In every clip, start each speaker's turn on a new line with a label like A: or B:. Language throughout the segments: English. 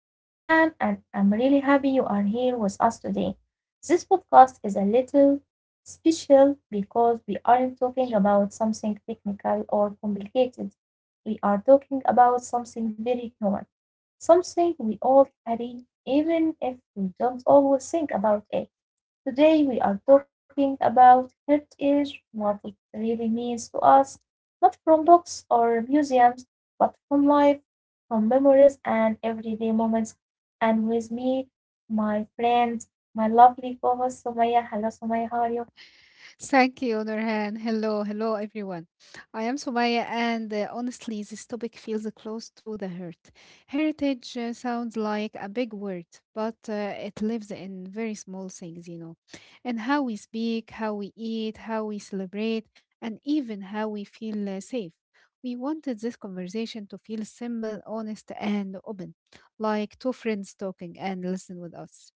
A: I am Nurhan and I'm really happy you are here with us today. This podcast is a little special because we aren't talking about something technical or complicated. We are talking about something very human, something we all carry even if we don't always think about it. Today we are talking about heritage, what it really means to us, not from books or museums, but from life, from memories and everyday moments. And with me, my friend, my lovely co-host Sumaya. Hello Sumaya, how are you?
B: Thank you, Nurhan. Hello, hello, everyone. I am Sumaya, and honestly, this topic feels close to the heart. Heritage sounds like a big word, but it lives in very small things, and how we speak, how we eat, how we celebrate, and even how we feel safe. We wanted this conversation to feel simple, honest, and open, like two friends talking and listen with us.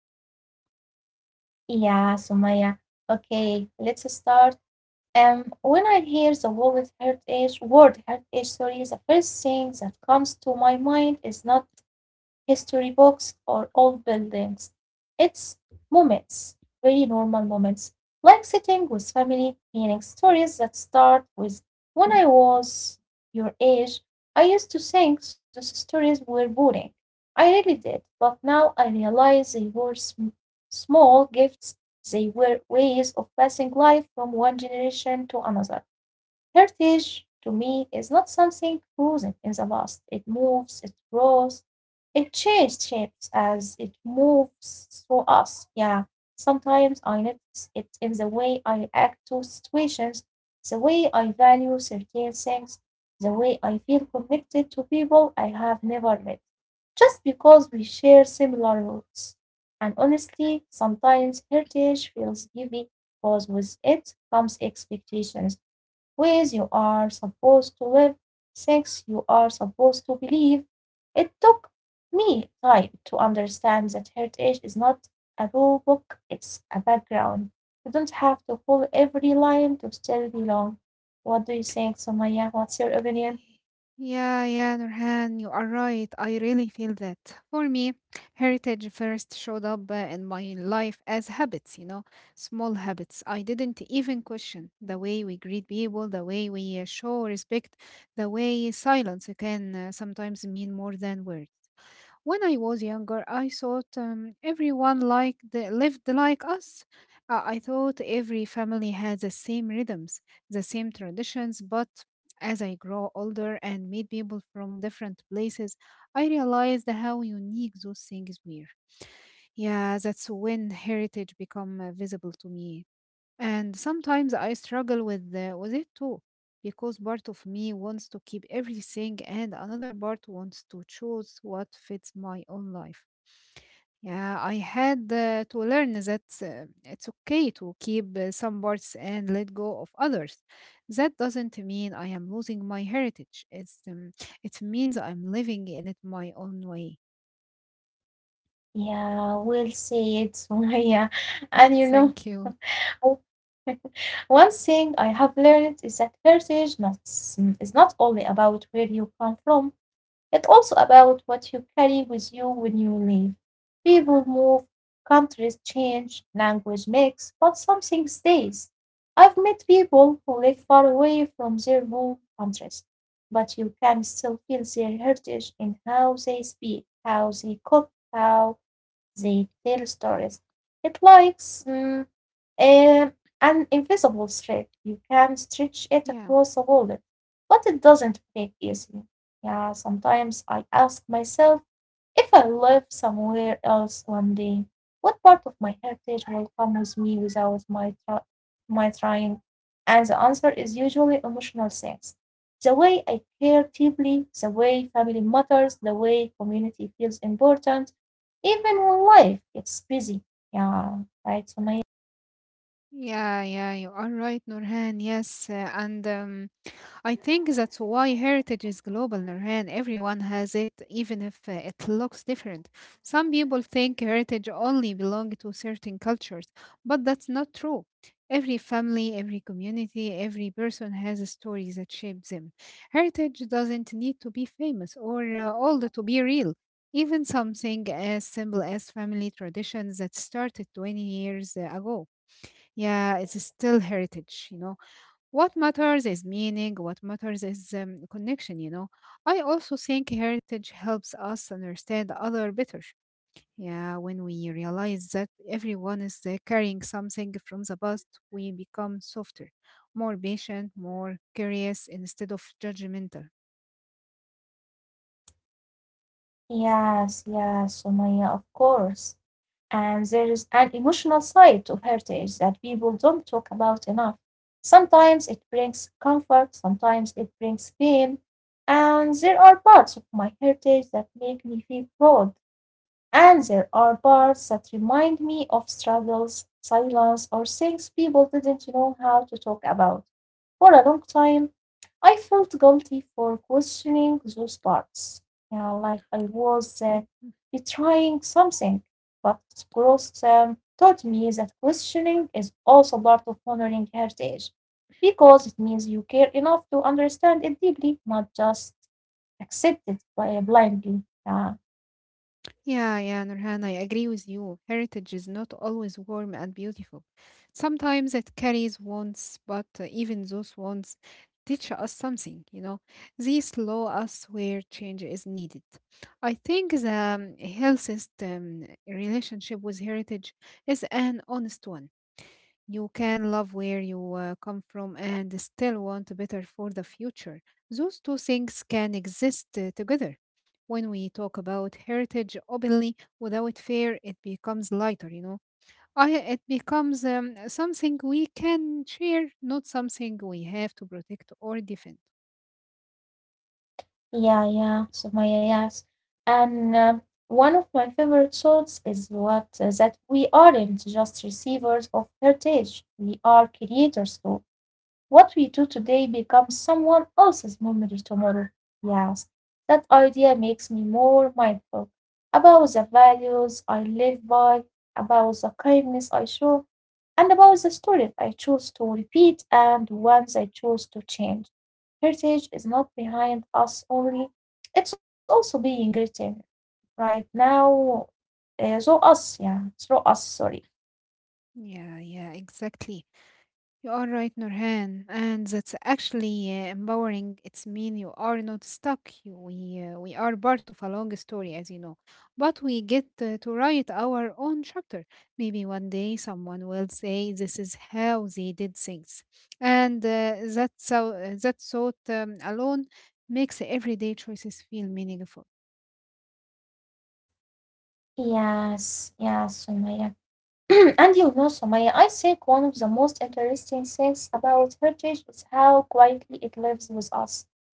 A: Yeah, Sumaya. Okay, let's start. When I hear the word heritage, the first thing that comes to my mind is not history books, or old buildings. It's moments, very normal moments, like sitting with family, hearing stories that start with, "When I was your age," I used to think those stories were boring. I really did, but now I realize they were small gifts, they were ways of passing life from one generation to another. Heritage to me is not something frozen in the past. It moves, it grows, it changes shapes as it moves through us. Yeah, sometimes I notice it in the way I react to situations, the way I value certain things, the way I feel connected to people I have never met, just because we share similar roots. And honestly, sometimes heritage feels heavy because with it comes expectations, ways you are supposed to live, things you are supposed to believe. It took me time to understand that heritage is not a rule book, it's a background. You don't have to follow every line to still belong. What do you think, Somaya? What's your opinion?
B: Yeah, yeah, Nurhan, you are right. I really feel that. For me, heritage first showed up in my life as habits, small habits. I didn't even question the way we greet people, the way we show respect, the way silence can sometimes mean more than words. When I was younger, I thought everyone lived like us. I thought every family had the same rhythms, the same traditions. But as I grow older and meet people from different places, I realized how unique those things were. Yeah, that's when heritage become visible to me. And sometimes I struggle with it too, because part of me wants to keep everything and another part wants to choose what fits my own life. Yeah, I had to learn that it's okay to keep some parts and let go of others. That doesn't mean I am losing my heritage. It's it means I'm living in it my own way.
A: Yeah, we'll see it, Somaya. And you
B: Mm,
A: know,
B: thank you.
A: o- one thing I have learned is that heritage not, is not only about where you come from. It's also about what you carry with you when you leave. People move, countries change, language mix, but something stays. I've met people who live far away from their home countries, but you can still feel their heritage in how they speak, how they cook, how they tell stories. It likes um, an invisible thread. You can stretch it
B: Yeah.
A: across a wallet, but it doesn't break easily. Yeah, sometimes I ask myself, if I live somewhere else one day, what part of my heritage will come with me without my trying? And the answer is usually emotional things. The way I care deeply, the way family matters, the way community feels important, even when life gets busy. Yeah, right, Sumaya.
B: Yeah, yeah, you are right, Nurhan. Yes, and I think that's why heritage is global, Nurhan. Everyone has it, even if it looks different. Some people think heritage only belongs to certain cultures, but that's not true. Every family, every community, every person has a story that shapes them. Heritage doesn't need to be famous or old to be real. Even something as simple as family traditions that started 20 years ago. Yeah, it's still heritage. What matters is meaning, what matters is connection. I also think heritage helps us understand other better. Yeah, when we realize that everyone is carrying something from the past, we become softer, more patient, more curious instead of judgmental.
A: Yes, yes, Sumaya, of course. And there is an emotional side to heritage that people don't talk about enough. Sometimes it brings comfort, sometimes it brings pain. And there are parts of my heritage that make me feel proud and there are parts that remind me of struggles, silence, or things people didn't know how to talk about. For a long time, I felt guilty for questioning those parts. Yeah, like I was betraying something. But growth taught me that questioning is also part of honoring heritage because it means you care enough to understand it deeply, not just accept it by blindly. Yeah.
B: Yeah, yeah, Nurhan, I agree with you. Heritage is not always warm and beautiful. Sometimes it carries wounds, but even those wounds teach us something. They slow us where change is needed. I think the healthiest relationship with heritage is an honest one. You can love where you come from and still want better for the future. Those two things can exist together. When we talk about heritage openly without fear, it becomes lighter. Oh, yeah, it becomes something we can share, not something we have to protect or defend.
A: Yeah, yeah, Sumaya, yes. And one of my favorite thoughts is what that we aren't just receivers of heritage, we are creators too. What we do today becomes someone else's memory tomorrow. Yes, that idea makes me more mindful about the values I live by, about the kindness I show, and about the student I chose to repeat and ones I chose to change. Heritage is not behind us only, it's also being written right now through us, yeah, through us, sorry.
B: Yeah, yeah, exactly. You are right, Nurhan, and that's actually empowering. It's mean you are not stuck. We are part of a long story, as you know, but we get to write our own chapter. Maybe one day someone will say this is how they did things, and that thought alone makes everyday choices feel meaningful.
A: Yes, yes, Sumaya. And you know, Sumaya, I think one of the most interesting things about heritage is how quietly it lives with us.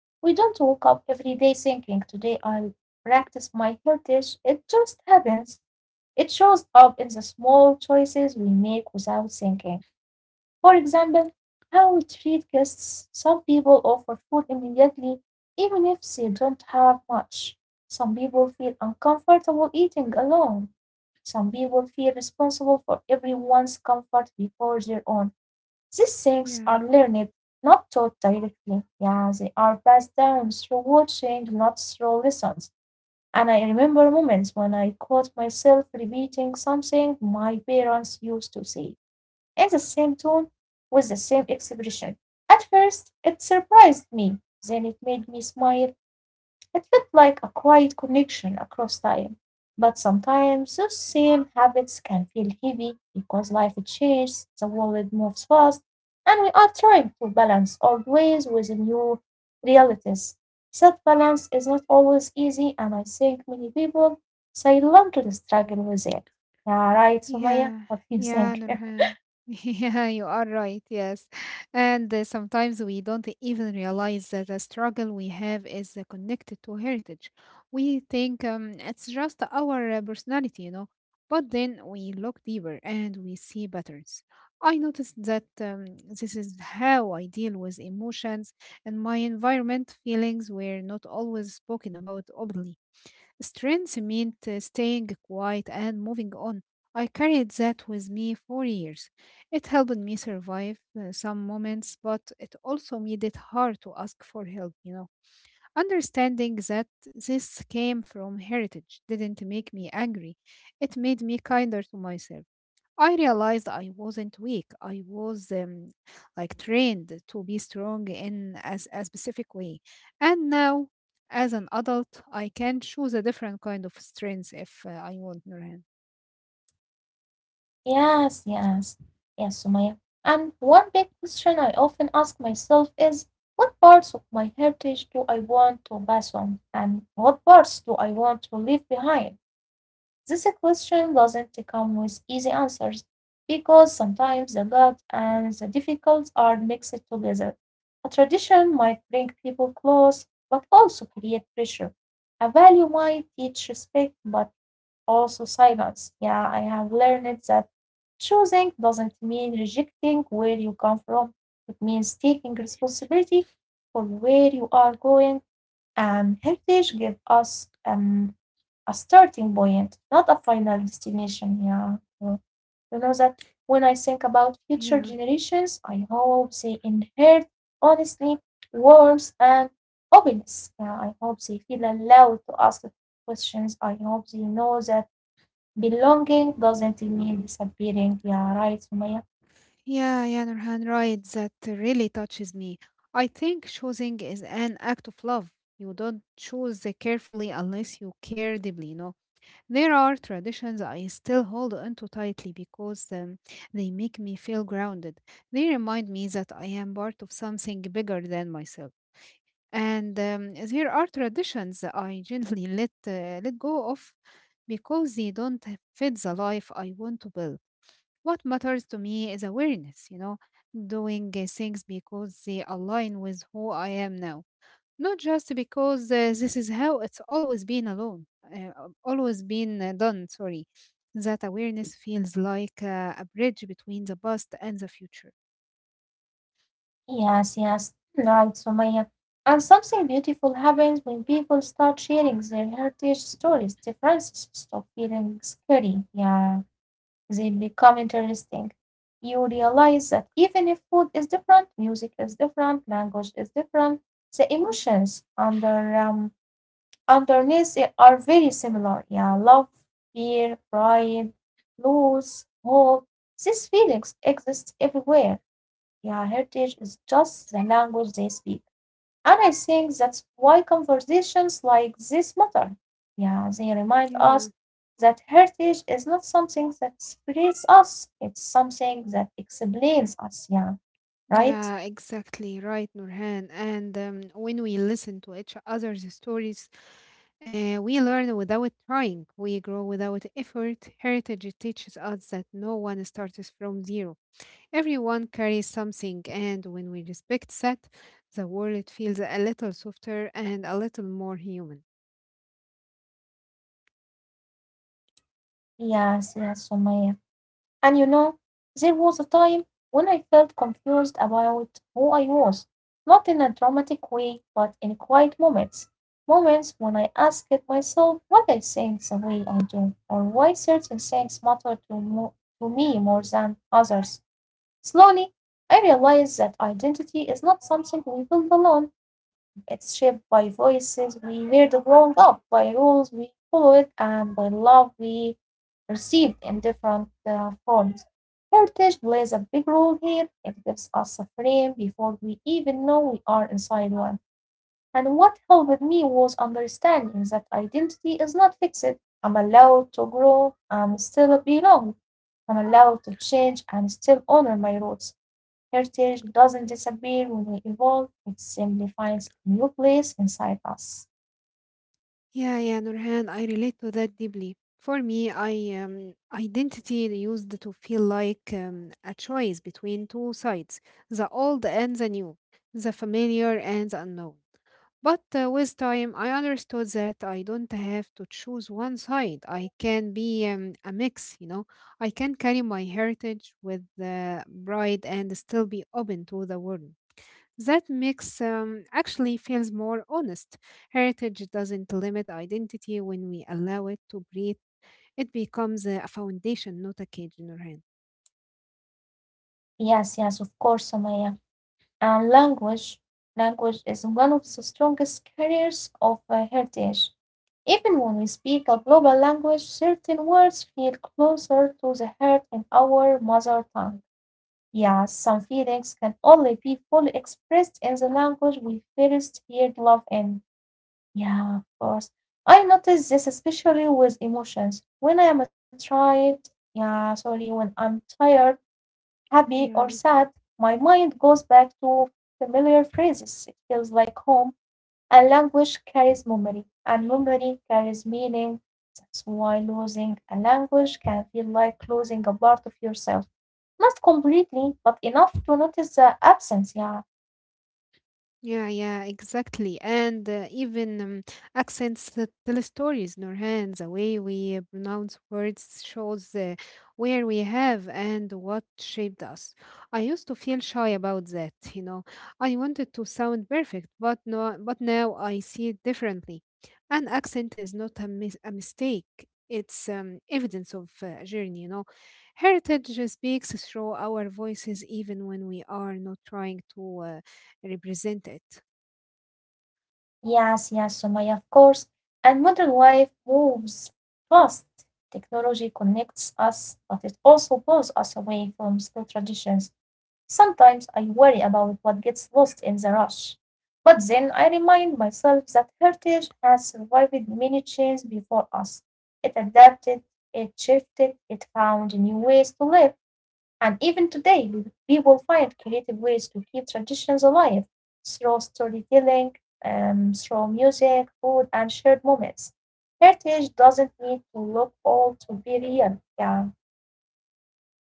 A: We don't wake up every day thinking, "Today I'll practice my heritage." It just happens. It shows up in the small choices we make without thinking. For example, how we treat guests. Some people offer food immediately, even if they don't have much. Some people feel uncomfortable eating alone. Some people feel responsible for everyone's comfort before their own. These things are
B: Yeah.
A: learned, not taught directly. Yeah, they are passed down through watching, not through lessons. And I remember moments when I caught myself repeating something my parents used to say in the same tone with the same expression. At first, it surprised me. Then it made me smile. It felt like a quiet connection across time. But sometimes those same habits can feel heavy because life changes, the world moves fast, and we are trying to balance old ways with new realities. That balance is not always easy, and I think many people silently struggle with it. Yeah, right, Sumaya? What
B: Yeah,
A: do you think?
B: yeah, Nurhan. Yeah, you are right. Yes. And sometimes we don't even realize that the struggle we have is connected to heritage. We think it's just our personality. But then we look deeper and we see patterns. I noticed that this is how I deal with emotions and my environment. Feelings were not always spoken about openly. Strength meant staying quiet and moving on. I carried that with me for years. It helped me survive some moments, but it also made it hard to ask for help. Understanding that this came from heritage didn't make me angry, it made me kinder to myself. I realized I wasn't weak. I was like trained to be strong in as a specific way. And now, as an adult, I can choose a different kind of strength if I want, Nurhan.
A: Yes, yes. Yes, Sumaya. And one big question I often ask myself is, what parts of my heritage do I want to pass on and what parts do I want to leave behind? This question doesn't come with easy answers because sometimes the good and the difficult are mixed together. A tradition might bring people close but also create pressure. A value might teach respect but also silence. Yeah, I have learned that choosing doesn't mean rejecting where you come from, it means taking responsibility for where you are going. Heritage gives us a starting point, not a final destination. Yeah, you know that when I think about future
B: Yeah.
A: generations, I hope they inherit honesty, warmth, and openness. Yeah, I hope they feel allowed to ask the questions. I hope they know that belonging doesn't mean disappearing. Yeah, right, Sumaya.
B: Yeah, yeah, Nurhan, right. That really touches me. I think choosing is an act of love. You don't choose carefully unless you care deeply. There are traditions I still hold onto tightly because they make me feel grounded. They remind me that I am part of something bigger than myself. And there are traditions I gently let go of because they don't fit the life I want to build. What matters to me is awareness, doing things because they align with who I am now, not just because this is how it's always been alone, uh, always been done. That awareness feels like a bridge between the past and the future.
A: Yes, yes, right, Sumaya. And something beautiful happens when people start sharing their heritage stories. Differences stop feeling scary. Yeah, they become interesting. You realize that even if food is different, music is different, language is different, the emotions underneath it are very similar. Yeah, love, fear, pride, loss, hope. These feelings exist everywhere. Yeah, heritage is just the language they speak. And I think that's why conversations like this matter. Yeah, they remind
B: Yeah.
A: us that heritage is not something that separates us, it's something that explains us. Yeah, right?
B: Yeah, exactly right, Nurhan. And when we listen to each other's stories, we learn without trying, we grow without effort. Heritage teaches us that no one starts from zero, everyone carries something, and when we respect that, the world feels a little softer and a little more human.
A: Yes, yes, Sumaya. And you know, there was a time when I felt confused about who I was, not in a dramatic way, but in quiet moments. Moments when I asked myself what I think the way I do, or why certain things matter to me more than others. Slowly, I realized that identity is not something we build alone, it's shaped by voices we heard growing up, by rules we followed, and by love we received in different forms. Heritage plays a big role here. It gives us a frame before we even know we are inside one. And what helped me was understanding that identity is not fixed. I'm allowed to grow and still belong. I'm allowed to change and still honor my roots. Heritage doesn't disappear when we evolve, it simply finds a new place inside us.
B: Yeah, yeah, Nurhan, I relate to that deeply. For me, I identity used to feel like a choice between two sides, the old and the new, the familiar and the unknown. But with time, I understood that I don't have to choose one side. I can be a mix, you know. I can carry my heritage with pride and still be open to the world. That mix actually feels more honest. Heritage doesn't limit identity when we allow it to breathe, it becomes a foundation, not a cage in our hand.
A: Yes, yes, of course, Samaya. And language, language is one of the strongest carriers of heritage. Even when we speak a global language, certain words feel closer to the heart in our mother tongue. Yeah, some feelings can only be fully expressed in the language we first heard love in. Yeah, of course. I notice this especially with emotions. When I'm tired, happy or sad,
B: Yeah.
A: my mind goes back to familiar phrases. It feels like home. And language carries memory, and memory carries meaning. That's why losing a language can feel like losing a part of yourself. Not completely, but enough to notice the absence, yeah.
B: Yeah, yeah, exactly. And even accents that tell stories, Nurhan, the way we pronounce words shows where we have and what shaped us. I used to feel shy about that, you know. I wanted to sound perfect, but no, but now I see it differently. An accent is not a mistake. It's evidence of journey, you know. Heritage speaks through our voices even when we are not trying to. Represent it.
A: Yes, yes, Sumaya, of course. And modern life moves fast. Technology connects us, but it also pulls us away from school traditions. Sometimes I worry about what gets lost in the rush. But then I remind myself that heritage has survived many changes before us. It adapted, it shifted, it found new ways to live. And even today, we will find creative ways to keep traditions alive through storytelling, through music, food, and shared moments. Heritage doesn't need to look old to be real. Yeah.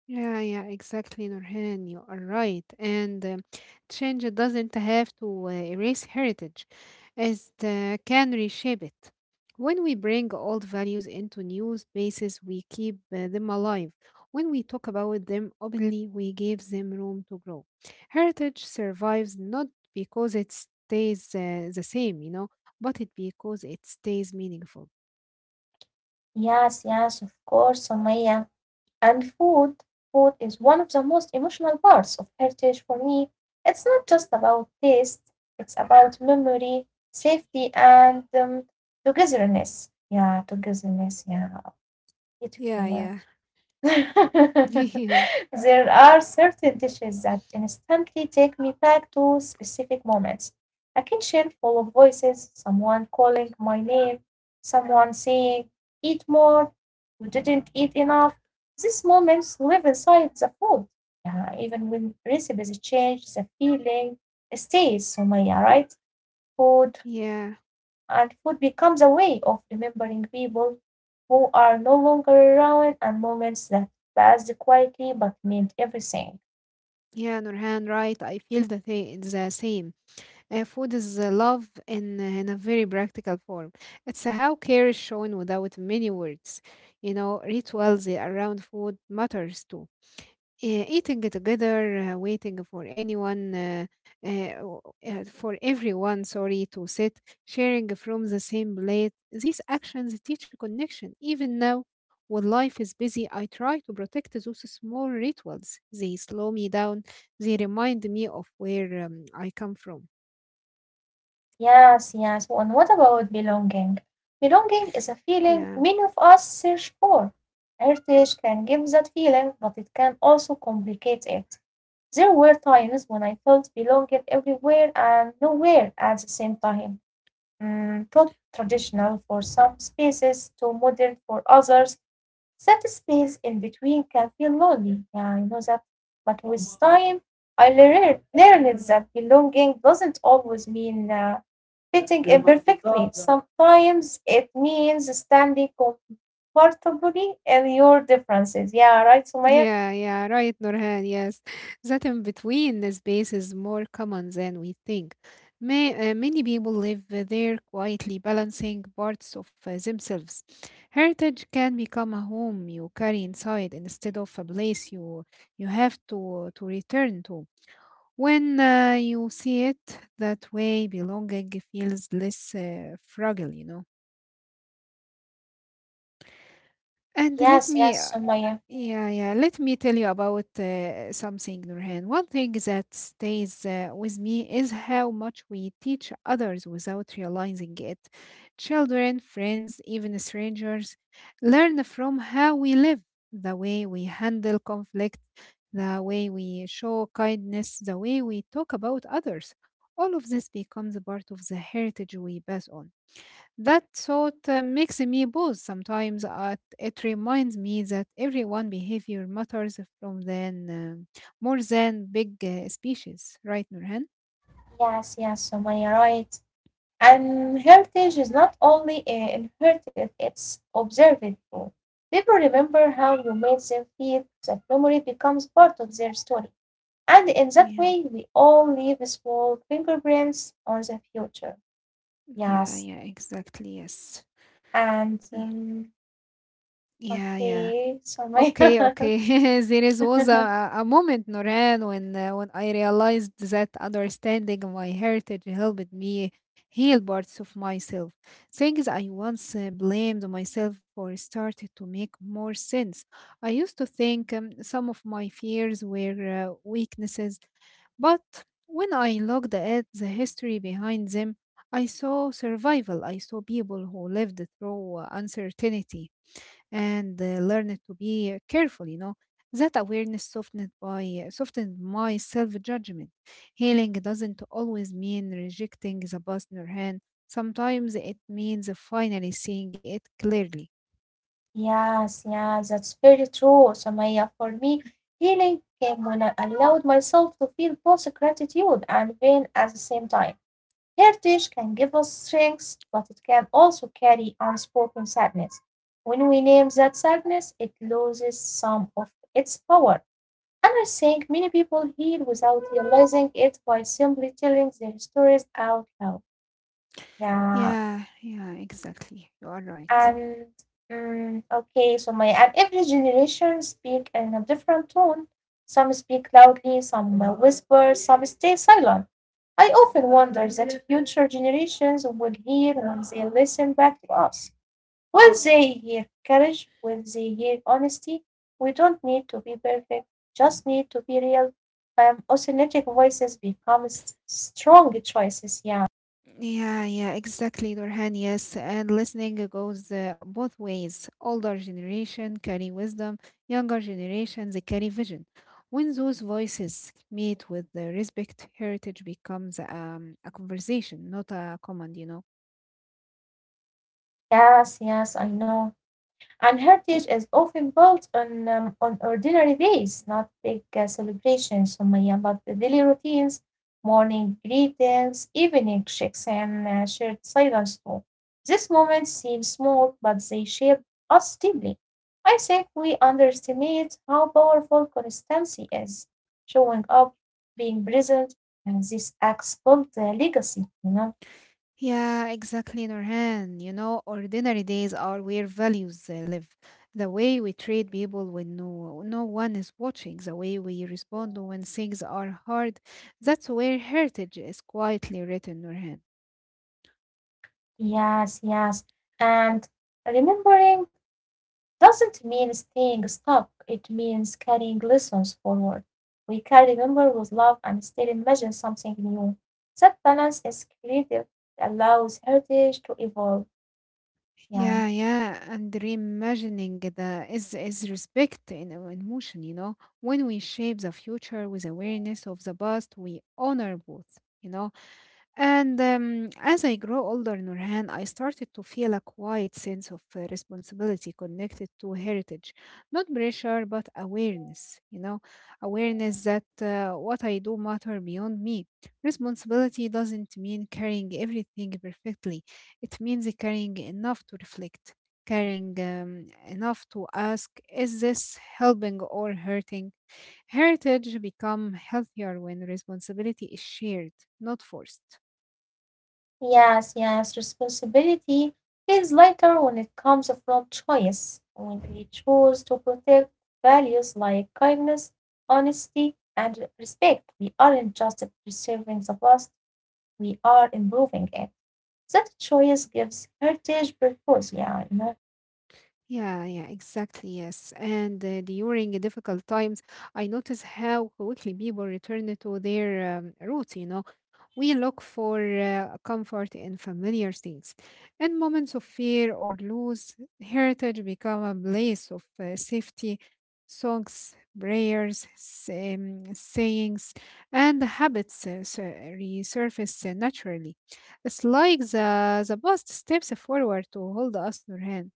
B: Yeah, yeah, exactly, Nurhan. You are right. And change doesn't have to erase heritage, it can reshape it. When we bring old values into new spaces, we keep them alive. When we talk about them openly, we give them room to grow. Heritage survives not because it stays the same, you know, but it because it stays meaningful.
A: Yes, yes, of course, Samaya. And food, food is one of the most emotional parts of heritage for me. It's not just about taste, it's about memory, safety, and togetherness. Yeah, togetherness. Yeah, beautiful
B: Yeah,
A: word.
B: yeah. Yeah,
A: There are certain dishes that instantly take me back to specific moments. A kitchen full of voices, someone calling my name, someone saying, "Eat more, you didn't eat enough." These moments live inside the food. Yeah, even when recipes change, the feeling stays. So, Maya, right? Food
B: yeah.
A: food becomes a way of remembering people who are no longer around and moments that passed quietly but meant everything.
B: Yeah, Nurhan, right. I feel the same. Food is love in a very practical form. It's how care is shown without many words. You know, rituals around food matters too. Yeah, eating together, waiting for anyone, w- for everyone, sorry, to sit, sharing from the same plate. These actions teach connection. Even now, when life is busy, I try to protect those small rituals. They slow me down, they remind me of where I come from.
A: Yes, yes. And what about belonging? Belonging is a feeling
B: Yeah.
A: many of us search for. Heritage can give that feeling, but it can also complicate it. There were times when I felt belonging everywhere and nowhere at the same time. Mm, too traditional for some spaces, too modern for others. That space in between can feel lonely, yeah, I know that. But with time, I learned that belonging doesn't always mean fitting in perfectly. Sometimes it means standing comfortably in your differences. Yeah, right, Sumaya?
B: Yeah, yeah, right, Nurhan. Yes, that in between space is more common than we think. Many people live there quietly, balancing parts of themselves. Heritage can become a home you carry inside instead of a place you have to return to. When you see it that way, belonging feels less fragile, you know. And let
A: Yes,
B: me,
A: yes, Sumaya.
B: yeah, yeah, Let me tell you about something, Nurhan. One thing that stays with me is how much we teach others without realizing it. Children, friends, even strangers learn from how we live, the way we handle conflict, the way we show kindness, the way we talk about others. All of this becomes a part of the heritage we pass on. That thought makes me pause sometimes. At, it reminds me that everyone behavior matters from then more than big species, right, Nurhan?
A: Yes, yes, Sumaya, right. And heritage is not only inherited, it's observed too. People remember how you made them feel, that memory becomes part of their story. And in that
B: Yeah,
A: way, we all leave small fingerprints on the future.
B: yeah,
A: Yes.
B: yeah, exactly. Yes.
A: And
B: Ye- Yeah, yeah.
A: Okay,
B: Okay,
A: Samaya.
B: okay. There is was a moment, Noran, when when I realized that understanding my heritage helped me heal parts of myself. Things I once blamed myself for started to make more sense. I used to think some of my fears were weaknesses, but when I looked at the history behind them, I saw survival. I saw people who lived through uncertainty and learned to be careful, you know. That awareness softened my self-judgment. Healing doesn't always mean rejecting the partner hand. Sometimes it means finally seeing it clearly.
A: Yes, yeah, that's very true, Samaya. For me, healing came when I allowed myself to feel both gratitude and pain at the same time. Heritage can give us strength, but it can also carry unspoken sadness. When we name that sadness, it loses some of its power. And I think many people heal without realizing it by simply telling their stories out loud. Yeah.
B: Yeah, yeah, exactly, you are right.
A: And okay, so my and every generation speak in a different tone. Some speak loudly, some whisper, some stay silent. I often wonder that future generations will hear when they listen back to us. Will they hear courage? Will they hear honesty? We don't need to be perfect, just need to be real. Authentic voices become strong choices. Yeah.
B: Yeah, yeah, exactly, Nurhan. Yes, and listening goes both ways. Older generation carry wisdom, younger generation they carry vision. When those voices meet with the respect, heritage becomes a conversation, not a command. You know.
A: Yes, yes, I know. And heritage is often built on ordinary days, not big celebrations, Sumaya, but the daily routines, morning greetings, evening checks, and shared silence too. These moments seem small, but they shape us deeply. I think we underestimate how powerful constancy is. Showing up, being present, and these acts build a legacy, you know?
B: Yeah, exactly, Nurhan. You know, ordinary days are where values live. The way we treat people when no, no one is watching, the way we respond when things are hard, that's where heritage is quietly written, Nurhan.
A: Yes, yes. And remembering doesn't mean staying stuck, it means carrying lessons forward. We can remember with love and still imagine something new. That balance is creative, allows heritage to evolve.
B: Yeah,
A: Yeah.
B: yeah, and reimagining the is respect in motion, you know. When we shape the future with awareness of the past, we honor both, you know. And As I grow older, Nurhan, I started to feel a quiet sense of responsibility connected to heritage. Not pressure, but awareness, you know, awareness that what I do matter beyond me. Responsibility doesn't mean carrying everything perfectly. It means carrying enough to reflect, carrying enough to ask, is this helping or hurting? Heritage become healthier when responsibility is shared, not forced.
A: Yes, yes. Responsibility feels lighter when it comes from choice, when we choose to protect values like kindness, honesty, and respect. We aren't just preserving the past, we are improving it. That choice gives heritage purpose, yeah, I know.
B: Yeah, yeah, exactly. Yes. And During difficult times, I notice how quickly people return to their roots. You know, we look for comfort in familiar things. In moments of fear or loss, heritage become a place of safety. Songs, prayers, sayings, and habits resurface naturally. It's like the past steps forward to hold us in hand.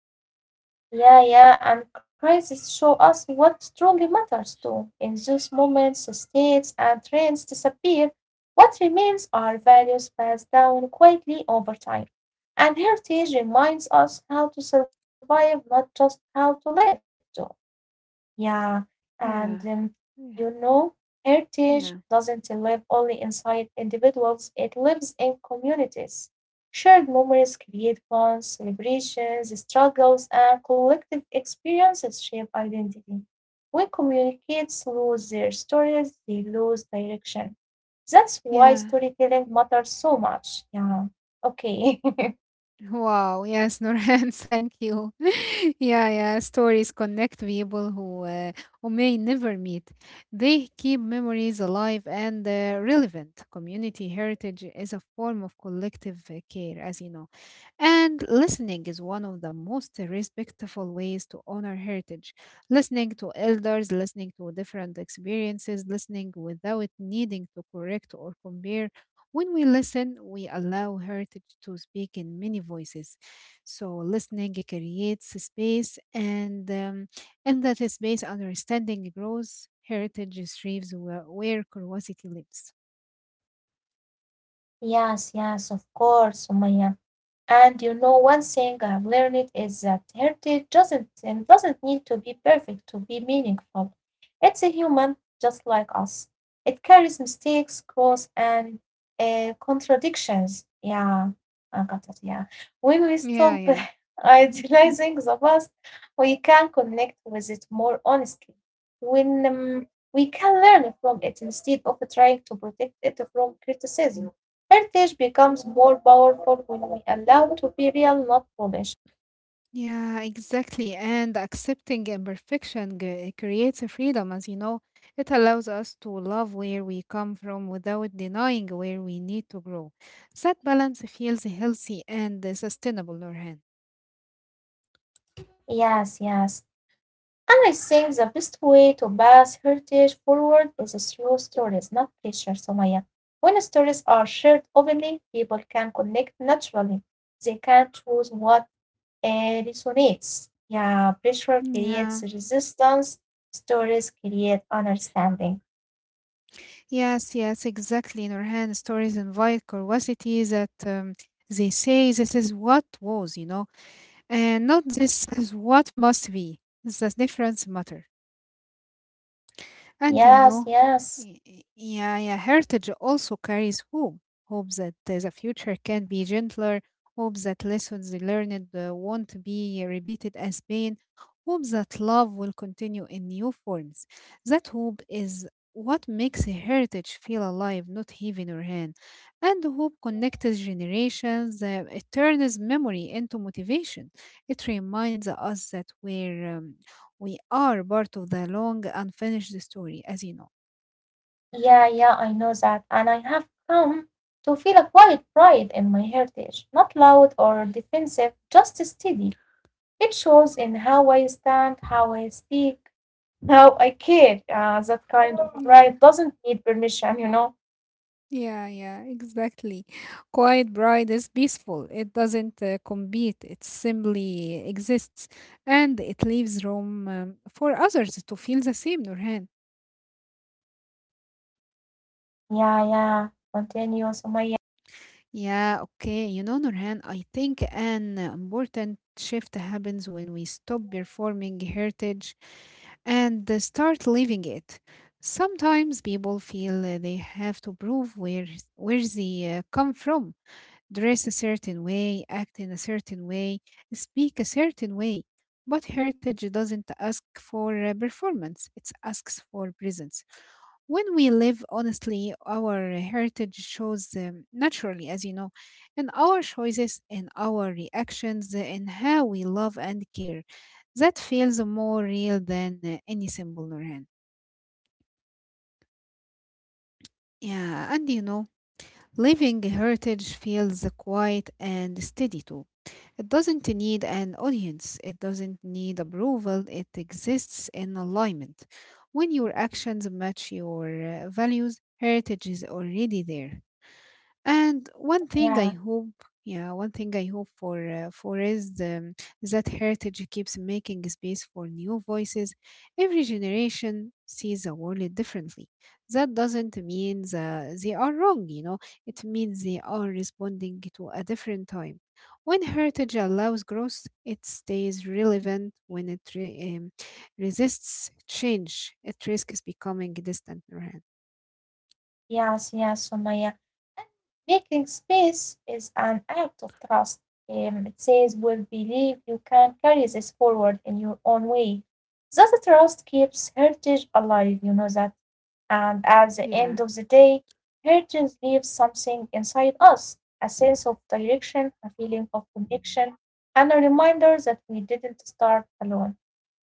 A: Yeah, yeah, and crises show us what truly matters too. In those moments, states and trends disappear. What remains are values passed down quietly over time. And heritage reminds us how to survive, not just how to live too. Yeah, and um,
B: Yeah.
A: you
B: Yeah.
A: know, heritage
B: Yeah.
A: doesn't live only inside individuals, it lives in communities. Shared memories create bonds, celebrations, struggles, and collective experiences shape identity. When communicates lose their stories, they lose direction. That's why
B: Yeah.
A: storytelling matters so much. Yeah, okay.
B: Wow. Yes, Norhan, thank you. Yeah, yeah. Stories connect people who may never meet. They keep memories alive and relevant. Community heritage is a form of collective care, as you know. And listening is one of the most respectful ways to honor heritage. Listening to elders, listening to different experiences, listening without needing to correct or compare. When we listen, we allow heritage to speak in many voices. So listening creates a space, and in that space, understanding grows. Heritage thrives where curiosity lives.
A: Yes, yes, of course, Sumaya. And you know one thing I've learned is that heritage doesn't need to be perfect to be meaningful. It's a human just like us. It carries mistakes, growth and contradictions. Yeah, I got it. Yeah. When we
B: Yeah,
A: stop
B: yeah. Mm.
A: idealizing the past, we can connect with it more honestly. When We can learn from it instead of trying to protect it from criticism. Heritage becomes more powerful when we allow to be real, not polished.
B: Yeah, exactly. And accepting imperfection creates a freedom, as you know. It allows us to love where we come from without denying where we need to grow. That balance feels healthy and sustainable, Nurhan.
A: Yes, yes. And I think the best way to pass heritage forward is through stories, not pressure, Somaya. When stories are shared openly, people can connect naturally. They can choose what resonates. Yeah, pressure
B: Yeah.
A: creates resistance. Stories create understanding.
B: Yes, yes, exactly. Nurhan, stories invite curiosity that they say this is what was, you know, and not this is what must be. The difference matters. And you
A: Yes,
B: know,
A: yes.
B: heritage also carries hope. Hope that the future can be gentler. Hope that lessons learned won't be repeated as pain. Hope that love will continue in new forms. That hope is what makes a heritage feel alive, not heavy in our hand. And hope connects generations. It turns memory into motivation. It reminds us that we are part of the long unfinished story, as you know.
A: Yeah, yeah, I know that. And I have come to feel a quiet pride in my heritage, not loud or defensive, just steady. It shows in how I stand, how I speak, how I care. That kind of pride
B: Yeah,
A: doesn't need permission, you know?
B: yeah, yeah, exactly. Quiet Bride is peaceful. It doesn't compete, it simply exists and it leaves room for others to feel the same, Nurhan.
A: Yeah, yeah. Continue, Sumaya.
B: Yeah, okay. You know, Nurhan, I think an important shift happens when we stop performing heritage and start living it. Sometimes people feel they have to prove where they come from, dress a certain way, act in a certain way, speak a certain way. But heritage doesn't ask for performance, it asks for presence. When we live honestly, our heritage shows naturally, as you know, in our choices, in our reactions, in how we love and care. That feels more real than any symbol, Nurhan. Yeah, and you know, living heritage feels quiet and steady too. It doesn't need an audience, it doesn't need approval, it exists in alignment. When your actions match your values, heritage is already there. And one thing I
A: Yeah.
B: hope, yeah, one thing I hope for is the that heritage keeps making space for new voices. Every generation sees the world differently. That doesn't mean that they are wrong, you know. It means they are responding to a different time. When heritage allows growth, it stays relevant. When it resists change, it risks becoming distant. Right?
A: Yes, yes, Sumaya. And making space is an act of trust. It says, "Will believe you can carry this forward in your own way." That trust keeps heritage alive. You know that. And at the end
B: Yeah,
A: of the day, heritage leaves something inside us: a sense of direction, a feeling of connection, and a reminder that we didn't start alone.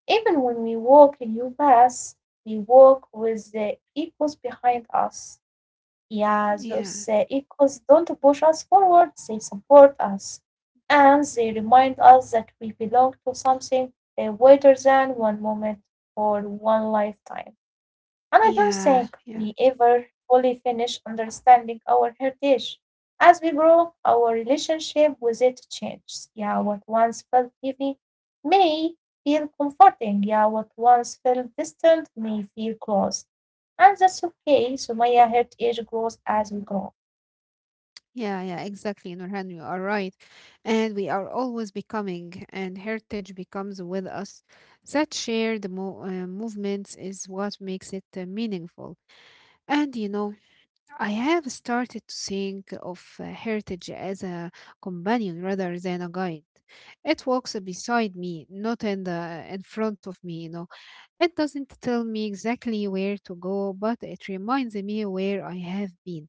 A: Even when we walk a new path, we walk with the echoes behind us. Yeah, those
B: yeah,
A: echoes don't push us forward, they support us. And they remind us that we belong to something wider than one moment or one lifetime. And I don't think
B: yeah,
A: we
B: yeah,
A: ever fully finish understanding our heritage. As we grow, our relationship with it changes. Yeah, what once felt heavy may feel comforting. Yeah, what once felt distant may feel close. And that's okay. So Maya heritage grows as we grow.
B: yeah, exactly, Nurhan, you are right. And we are always becoming, and heritage becomes with us. That shared movements is what makes it meaningful. And you know, I have started to think of heritage as a companion rather than a guide. It walks beside me, not in front of me, you know. It doesn't tell me exactly where to go, but it reminds me where I have been.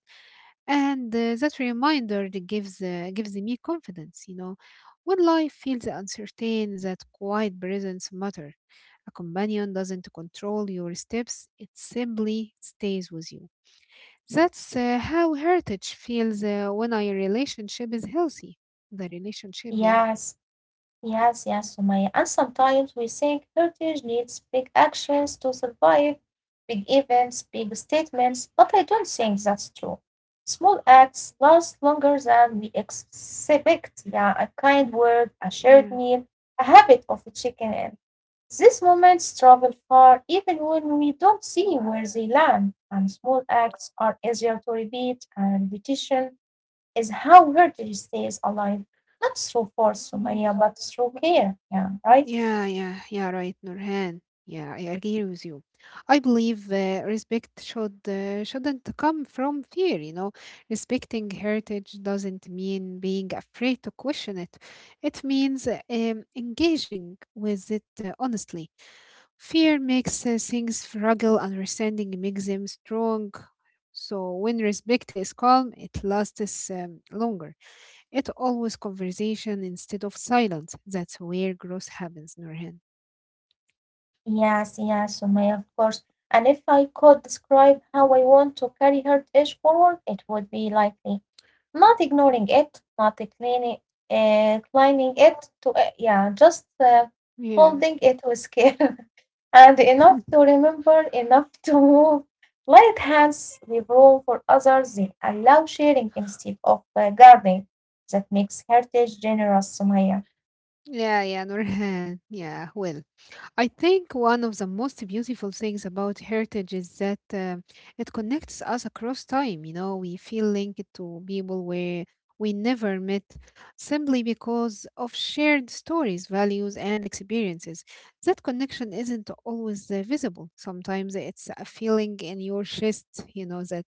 B: And That reminder that gives gives me confidence, you know. When life feels uncertain, that quiet presence matters. A companion doesn't control your steps, it simply stays with you. That's how heritage feels when our relationship is healthy. The relationship, yeah.
A: Yes. Yes, yes, Sumaya. And sometimes we think heritage needs big actions to survive, big events, big statements, but I don't think that's true. Small acts last longer than we expect. Yeah, a kind word, a shared
B: Yeah.
A: meal, a habit of checking in. These moments travel far even when we don't see where they land, and small acts are easier to repeat and repetition is how heritage stays alive, not through force, Sumaya, but through care. Yeah, right?
B: Yeah, yeah, yeah, right, Nurhan. Yeah, I agree with you. I believe respect shouldn't come from fear, you know. Respecting heritage doesn't mean being afraid to question it. It means engaging with it honestly. Fear makes things fragile, understanding makes them strong. So when respect is calm, it lasts longer. It's always conversation instead of silence. That's where growth happens, Nurhan.
A: Yes, yes, Sumaya, of course. And if I could describe how I want to carry heritage forward, it would be likely not ignoring it, not declining it to, yeah, just
B: Yeah.
A: holding it with care and enough to remember, enough to move. Light hands leave room for others, they allow sharing instead of guarding. That makes heritage generous, Sumaya.
B: Yeah, yeah, Nurhan. Yeah, well. I think one of the most beautiful things about heritage is that it connects us across time. You know, we feel linked to people where we never met simply because of shared stories, values, and experiences. That connection isn't always visible. Sometimes it's a feeling in your chest, you know, that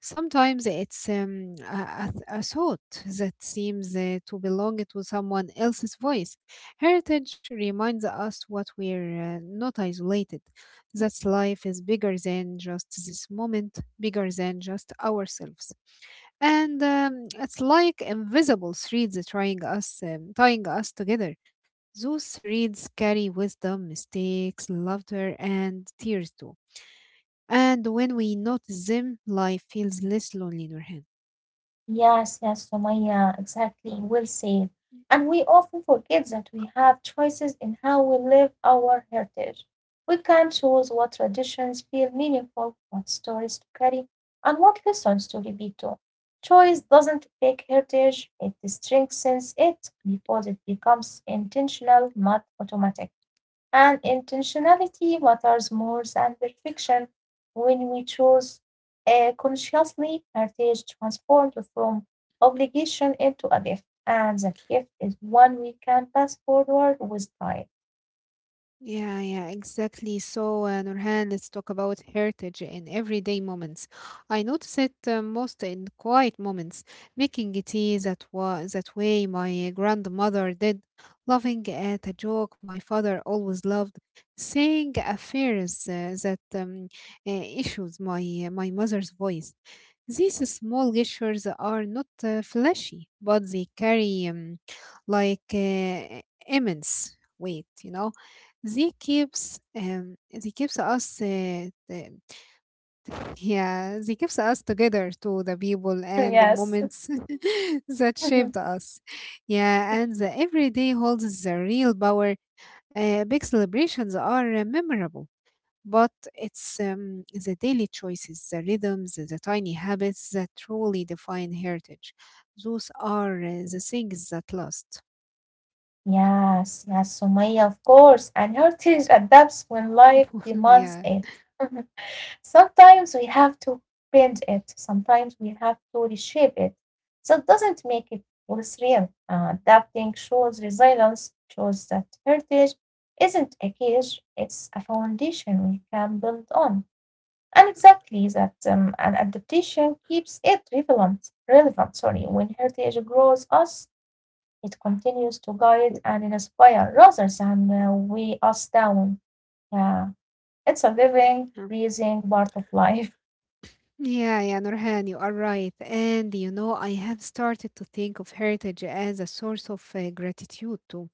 B: sometimes it's a thought that seems to belong to someone else's voice. Heritage reminds us what we're not isolated, that life is bigger than just this moment, bigger than just ourselves. And It's like invisible threads tying us together. Those threads carry wisdom, mistakes, laughter, and tears too. And when we notice them, life feels less lonely, Nurhan.
A: Yes, yes, Sumaya, exactly. Well said. And we often forget that we have choices in how we live our heritage. We can choose what traditions feel meaningful, what stories to carry, and what lessons to repeat to. Choice doesn't break heritage, it strengthens it because it becomes intentional, not automatic. And intentionality matters more than perfection when we choose consciously heritage transformed from obligation into a gift. And that gift is one we can pass forward with pride.
B: Yeah, yeah, exactly. So, Nurhan, let's talk about heritage in everyday moments. I notice it most in quiet moments, making tea that way my grandmother did, laughing at a joke my father always loved, saying affairs that issues my mother's voice. These small gestures are not flashy, but they carry like uh, immense weight, you know. They keeps us yeah, they keeps us together to the people and the
A: Yes.
B: moments that shaped us. Yeah, and the everyday holds the real power. Big celebrations are memorable, but it's the daily choices, the rhythms, the tiny habits that truly define heritage. Those are the things that last.
A: Yes, yes, Sumaya, of course. And heritage adapts when life demands
B: Yeah.
A: it. Sometimes we have to bend it, sometimes we have to reshape it. That doesn't make it less real. Adapting shows resilience, shows that heritage isn't a cage, it's a foundation we can build on. And exactly that an adaptation keeps it relevant, when heritage grows us, it continues to guide and inspire rather than weigh us down. Yeah, it's a living, breathing part of life.
B: Yeah, yeah, Nurhan, you are right. And you know, I have started to think of heritage as a source of gratitude too.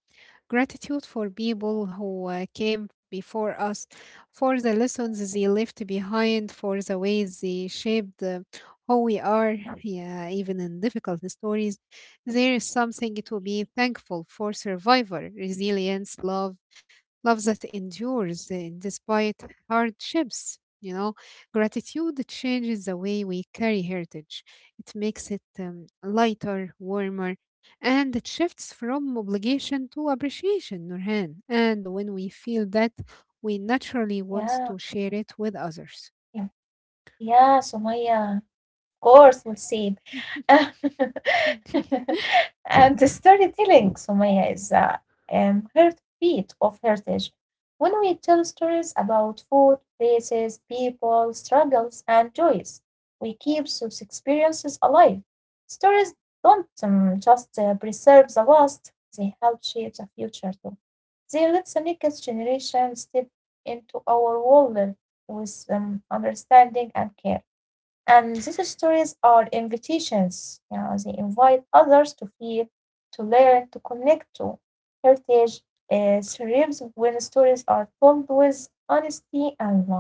B: Gratitude for people who came before us, for the lessons they left behind, for the ways they shaped who we are. Yeah, even in difficult stories, there is something to be thankful for survivor, resilience, love, love that endures despite hardships. You know, gratitude changes the way we carry heritage. It makes it lighter, warmer, and it shifts from obligation to appreciation, Nurhan. And when we feel that, we naturally
A: Yeah,
B: want to share it with
A: yeah,
B: others.
A: yeah, Sumaya. Of course, we'll see. And the storytelling, Sumaya, is a heartbeat of heritage. When we tell stories about food, places, people, struggles, and joys, we keep those experiences alive. Stories don't just preserve the past, they help shape the future too. They let the next generation step into our world with understanding and care. And these stories are invitations. Yeah, they invite others to feel, to learn, to connect to. Heritage thrives when stories are told with honesty and love.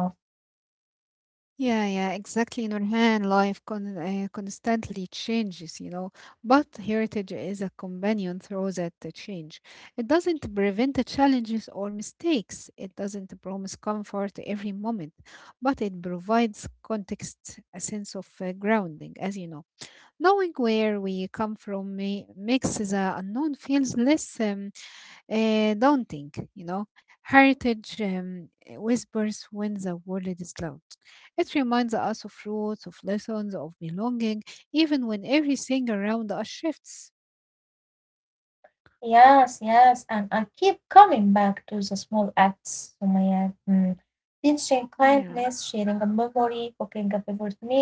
B: Yeah, yeah, exactly. Nurhan, life constantly changes, you know, but heritage is a companion through that change. It doesn't prevent the challenges or mistakes. It doesn't promise comfort every moment, but it provides context, a sense of grounding, as you know. Knowing where we come from makes the unknown feels less don't think, you know. Heritage whispers when the world is loud. It reminds us of roots, of lessons, of belonging, even when everything around us shifts.
A: Yes, yes, and I keep coming back to the small acts, Sumaya. Mm. Teaching
B: Yeah.
A: kindness, sharing a memory, cooking a favorite meal.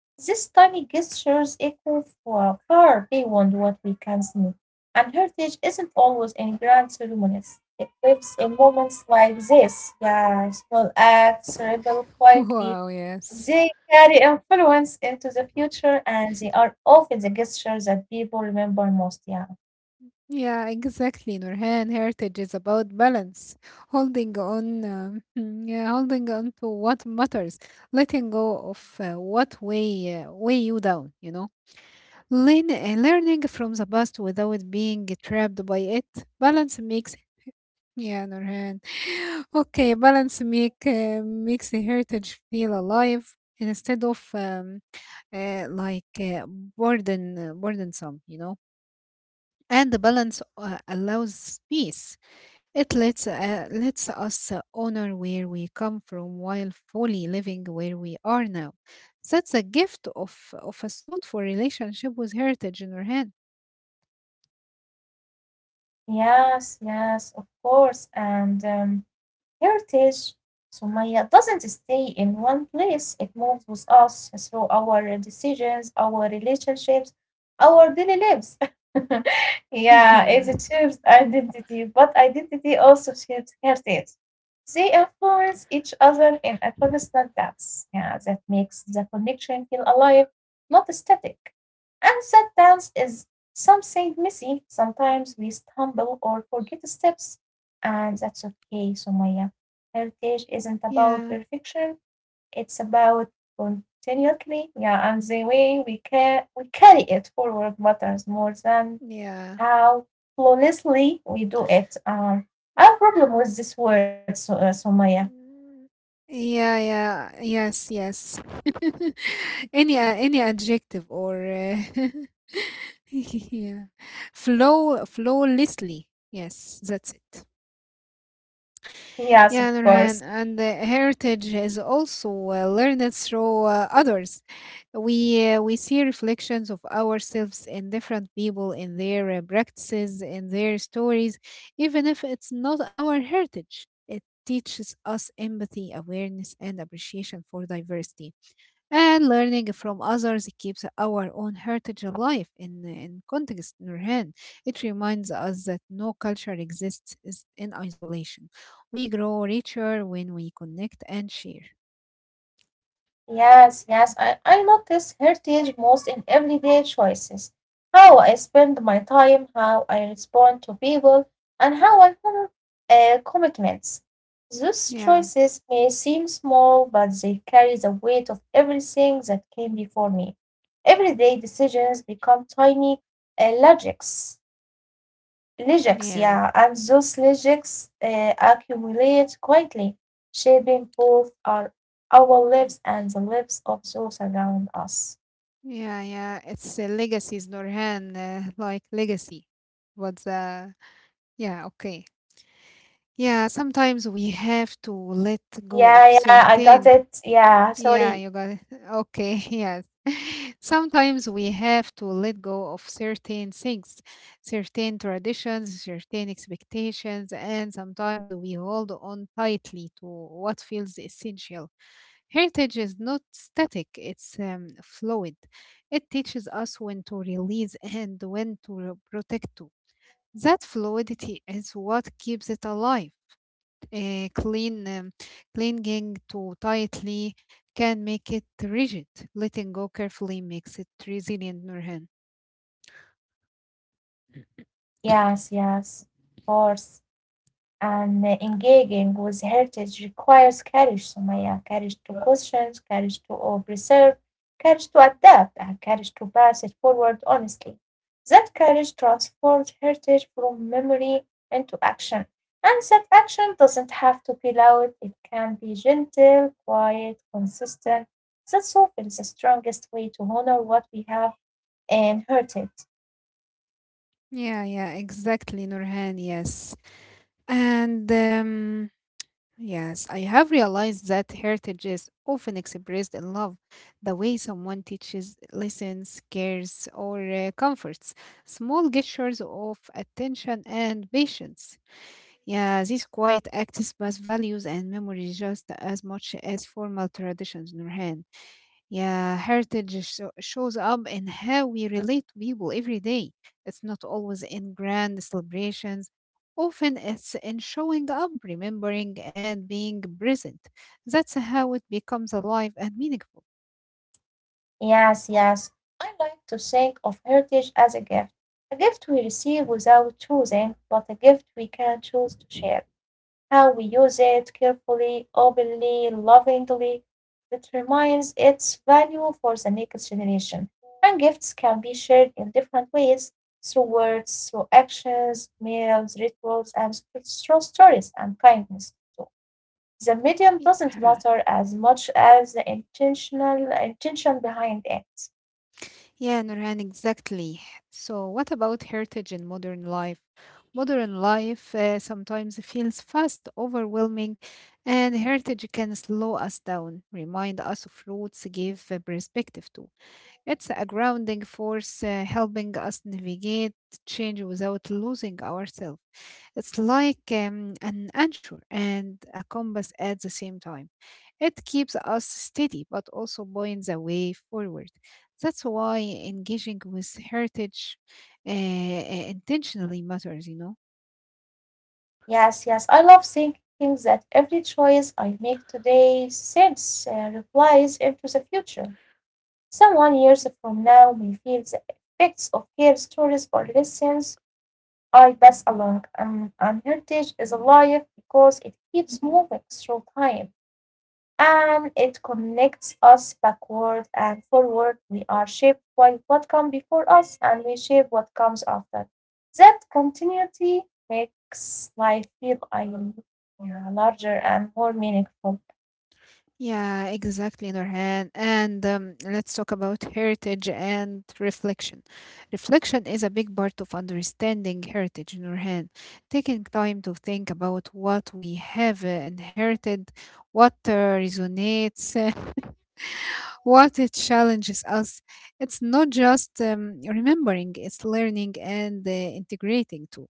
A: These tiny gestures echo far, far beyond what we can see, and heritage isn't always in grand ceremonies. It lives in moments like this. Yeah, small acts rebel quietly.
B: Wow, yes.
A: They carry influence into the future, and they are often the gestures that people remember most. Yeah.
B: Yeah, exactly, Nurhan. Heritage is about balance, holding on, yeah, holding on to what matters, letting go of weigh you down, you know. Learning from the past without being trapped by it. Balance makes yeah, Nurhan. Okay, balance makes the heritage feel alive instead of uh, like uh, burdensome, you know. And the balance allows peace. It lets Lets us honor where we come from while fully living where we are now. That's a gift of a thoughtful relationship with heritage in our
A: Yes, yes, of course. And Heritage, Sumaya, doesn't stay in one place, it moves with us through our decisions, our relationships, our daily lives. Yeah,
B: Yeah.
A: it shapes identity, but identity also shapes heritage. They influence each other in a constant dance. Yeah, that makes the connection feel alive, not static. And that dance is something messy. Sometimes we stumble or forget steps and that's okay, Sumaya. Heritage isn't about
B: Yeah.
A: perfection, it's about continually, yeah, and the way we carry it forward matters more than
B: Yeah.
A: how flawlessly we do it. I have a problem with this word, so, Sumaya.
B: Mm. Yeah, yeah. Yes, yes. Any adjective or yeah. Flow flawlessly. Yes, that's it.
A: Yes, of
B: Yeah, Nurhan,
A: course.
B: and heritage is also learned through others. We see reflections of ourselves in different people, in their practices, in their stories. Even if it's not our heritage, it teaches us empathy, awareness, and appreciation for diversity, and learning from others keeps our own heritage alive in context, Nurhan. It reminds us that no culture exists is in isolation. We grow richer when we connect and share.
A: Yes, yes, I notice heritage most in everyday choices. How I spend my time, how I respond to people, and how I honor commitments. Those
B: Yeah,
A: choices may seem small, but they carry the weight of everything that came before me. Everyday decisions become tiny logics. Legends,
B: yeah.
A: yeah, and those legends accumulate quietly, shaping both our lives and the lives of those around us.
B: Yeah, yeah. It's legacies, norhan, like legacy. What's yeah, okay. Yeah, sometimes we have to let go of
A: Yeah, yeah, I
B: certain
A: got it. Yeah,
B: yeah,
A: sorry.
B: you got it. Okay, yes. Sometimes we have to let go of certain things, certain traditions, certain expectations, and sometimes we hold on tightly to what feels essential. Heritage is not static, it's fluid. It teaches us when to release and when to protect. That fluidity is what keeps it alive clean clinging too tightly can make it rigid. Letting go carefully makes it resilient, Nurhan.
A: Yes, yes, of course. And engaging with heritage requires courage, Sumaya, courage to question, courage to preserve, courage to adapt, and courage to pass it forward honestly. That courage transforms heritage from memory into action. And that action doesn't have to be loud, it can be gentle, quiet, consistent. That's often the strongest way to honor what we have inherited.
B: Yeah, yeah, exactly, Nurhan. Yes, and yes, I have realized that heritage is often expressed in love, the way someone teaches, listens, cares, or comforts. Small gestures of attention and patience. Yeah, these quiet acts pass values and memories just as much as formal traditions, Nurhan. Yeah, heritage shows up in how we relate to people every day. It's not always in grand celebrations. Often it's in showing up, remembering, and being present. That's how it becomes alive and meaningful.
A: Yes, yes. I like to think of heritage as a gift we receive without choosing, but a gift we can choose to share. How we use it carefully, openly, lovingly, that reminds its value for the next generation. And gifts can be shared in different ways through words, through actions, meals, rituals, and through stories and kindness too. The medium doesn't
B: Yeah.
A: matter as much as the intentional intention behind it.
B: Yeah, Nurhan, exactly. So, what about heritage in modern life? Modern life sometimes feels fast, overwhelming, and heritage can slow us down, remind us of roots, give a perspective to. It's a grounding force, helping us navigate change without losing ourselves. It's like an anchor and a compass at the same time. It keeps us steady but also points the way forward. That's why engaging with heritage intentionally matters, you know.
A: Yes, yes. I love thinking that every choice I make today sends replies into the future. Someone years from now may feel the effects of care stories or lessons I pass along. And heritage is alive because it keeps moving through time and it connects us backward and forward. We are shaped by what comes before us and we shape what comes after. That continuity makes life feel yeah, larger and more meaningful.
B: Yeah, exactly, Nurhan. And let's talk about heritage and reflection. Reflection is a big part of understanding heritage, Nurhan. Taking time to think about what we have inherited, what resonates, what it challenges us. It's not just remembering, it's learning and integrating too.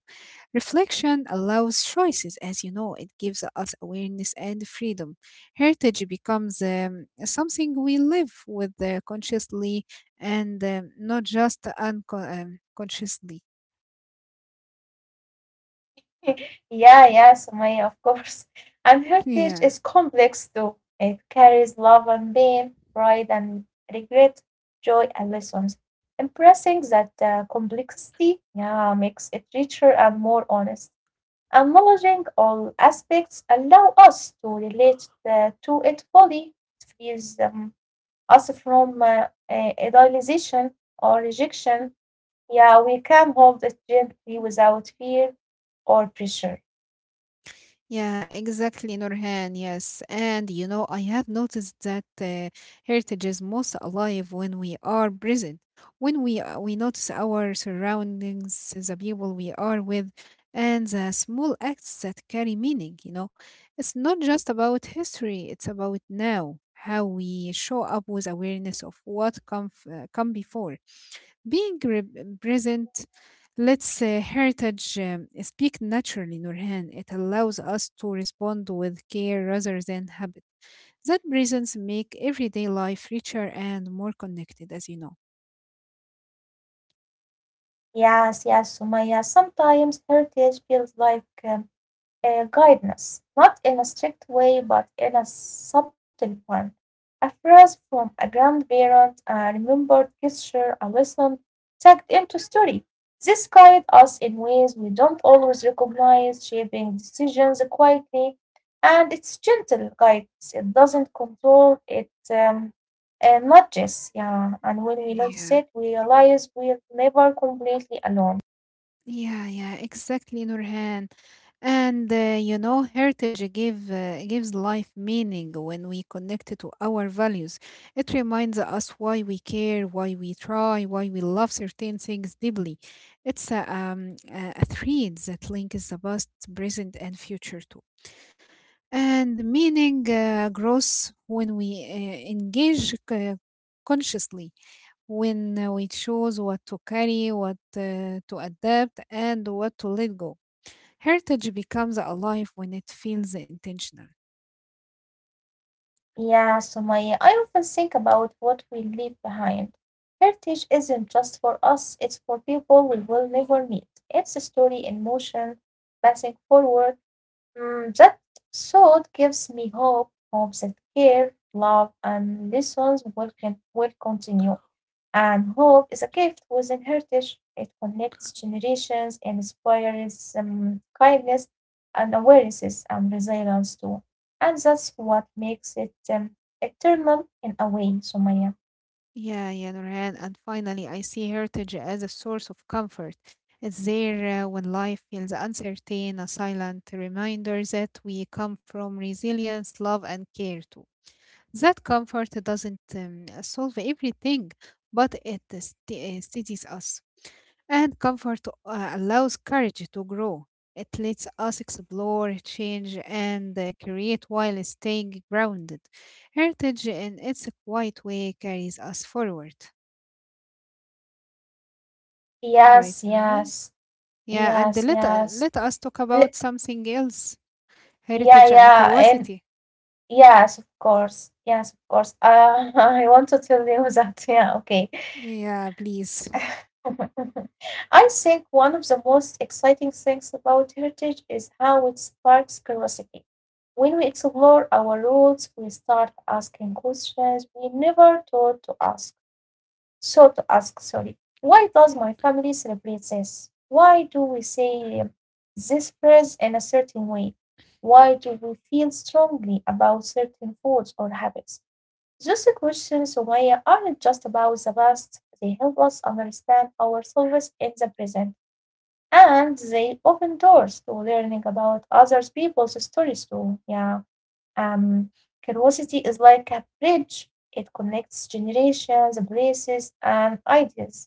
B: Reflection allows choices, as you know, it gives us awareness and freedom. Heritage becomes something we live with consciously and not just unconsciously.
A: Yeah, yeah, Sumaya, of course. And heritage
B: yeah.
A: is complex too. It carries love and pain, pride and regret, joy and lessons. Impressing that complexity, yeah, makes it richer and more honest. Acknowledging all aspects allow us to relate the, to it fully. It frees us from idealization or rejection. Yeah, we can hold it gently without fear or pressure.
B: Yeah, exactly, Nurhan. Yes. And I have noticed that heritage is most alive when we are present, when we notice our surroundings, the people we are with, and the small acts that carry meaning, you know. It's not just about history, it's about now, how we show up with awareness of what come before being present lets heritage speak naturally, Nurhan. It allows us to respond with care rather than habit. That presence make everyday life richer and more connected, as you know.
A: Yes, yes, Sumaya. Sometimes heritage feels like guidance, not in a strict way, but in a subtle one. A phrase from a grandparent, a remembered gesture, a lesson tucked into story. This guides us in ways we don't always recognize, shaping decisions quietly, and it's gentle guidance. It doesn't control, it nudges. Yeah, and when we
B: Yeah.
A: notice it, we realize we're never completely alone.
B: Yeah, yeah, exactly, Nurhan. And you know, heritage give gives life meaning when we connect it to our values. It reminds us why we care, why we try, why we love certain things deeply. It's a thread that links the past, present, and future too. And the meaning grows when we engage uh, consciously, when we choose what to carry, what to adapt, and what to let go. Heritage becomes alive when it feels intentional.
A: Yeah, Sumaya, I often think about what we leave behind. Heritage isn't just for us, it's for people we will never meet. It's a story in motion, passing forward. Mm, that thought gives me hope, hope that care, love, and lessons will, can, will continue. And hope is a gift within heritage. It connects generations, inspires kindness and awarenesses and resilience too. And that's what makes it eternal in a way, Sumaya.
B: Yeah, yeah, Nurhan. And finally, I see heritage as a source of comfort. It's there when life feels uncertain, a silent reminder that we come from resilience, love, and care too. That comfort doesn't solve everything, but it steadies us. And comfort allows courage to grow. It lets us explore, change, and create while staying grounded. Heritage, in its quiet way, carries us forward. Right,
A: Yes,
B: Nurhan?
A: yes,
B: Yeah, and
A: yes, yes.
B: let us talk
A: L-
B: about something else,
A: Yeah,
B: heritage and
A: yeah, and
B: curiosity.
A: yes, of course. Yes, of course. I want to tell you that. Yeah, okay.
B: Yeah, please.
A: I think one of the most exciting things about heritage is how it sparks curiosity. When we explore our roots, we start asking questions we never thought to ask. So to ask, sorry. Why does my family celebrate this? Why do we say this phrase in a certain way? Why do we feel strongly about certain foods or habits? Those questions, Sumaya, aren't just about the past, they help us understand ourselves in the present. And they open doors to learning about other people's stories too. Yeah. Um, Curiosity is like a bridge. It connects generations, places, and ideas.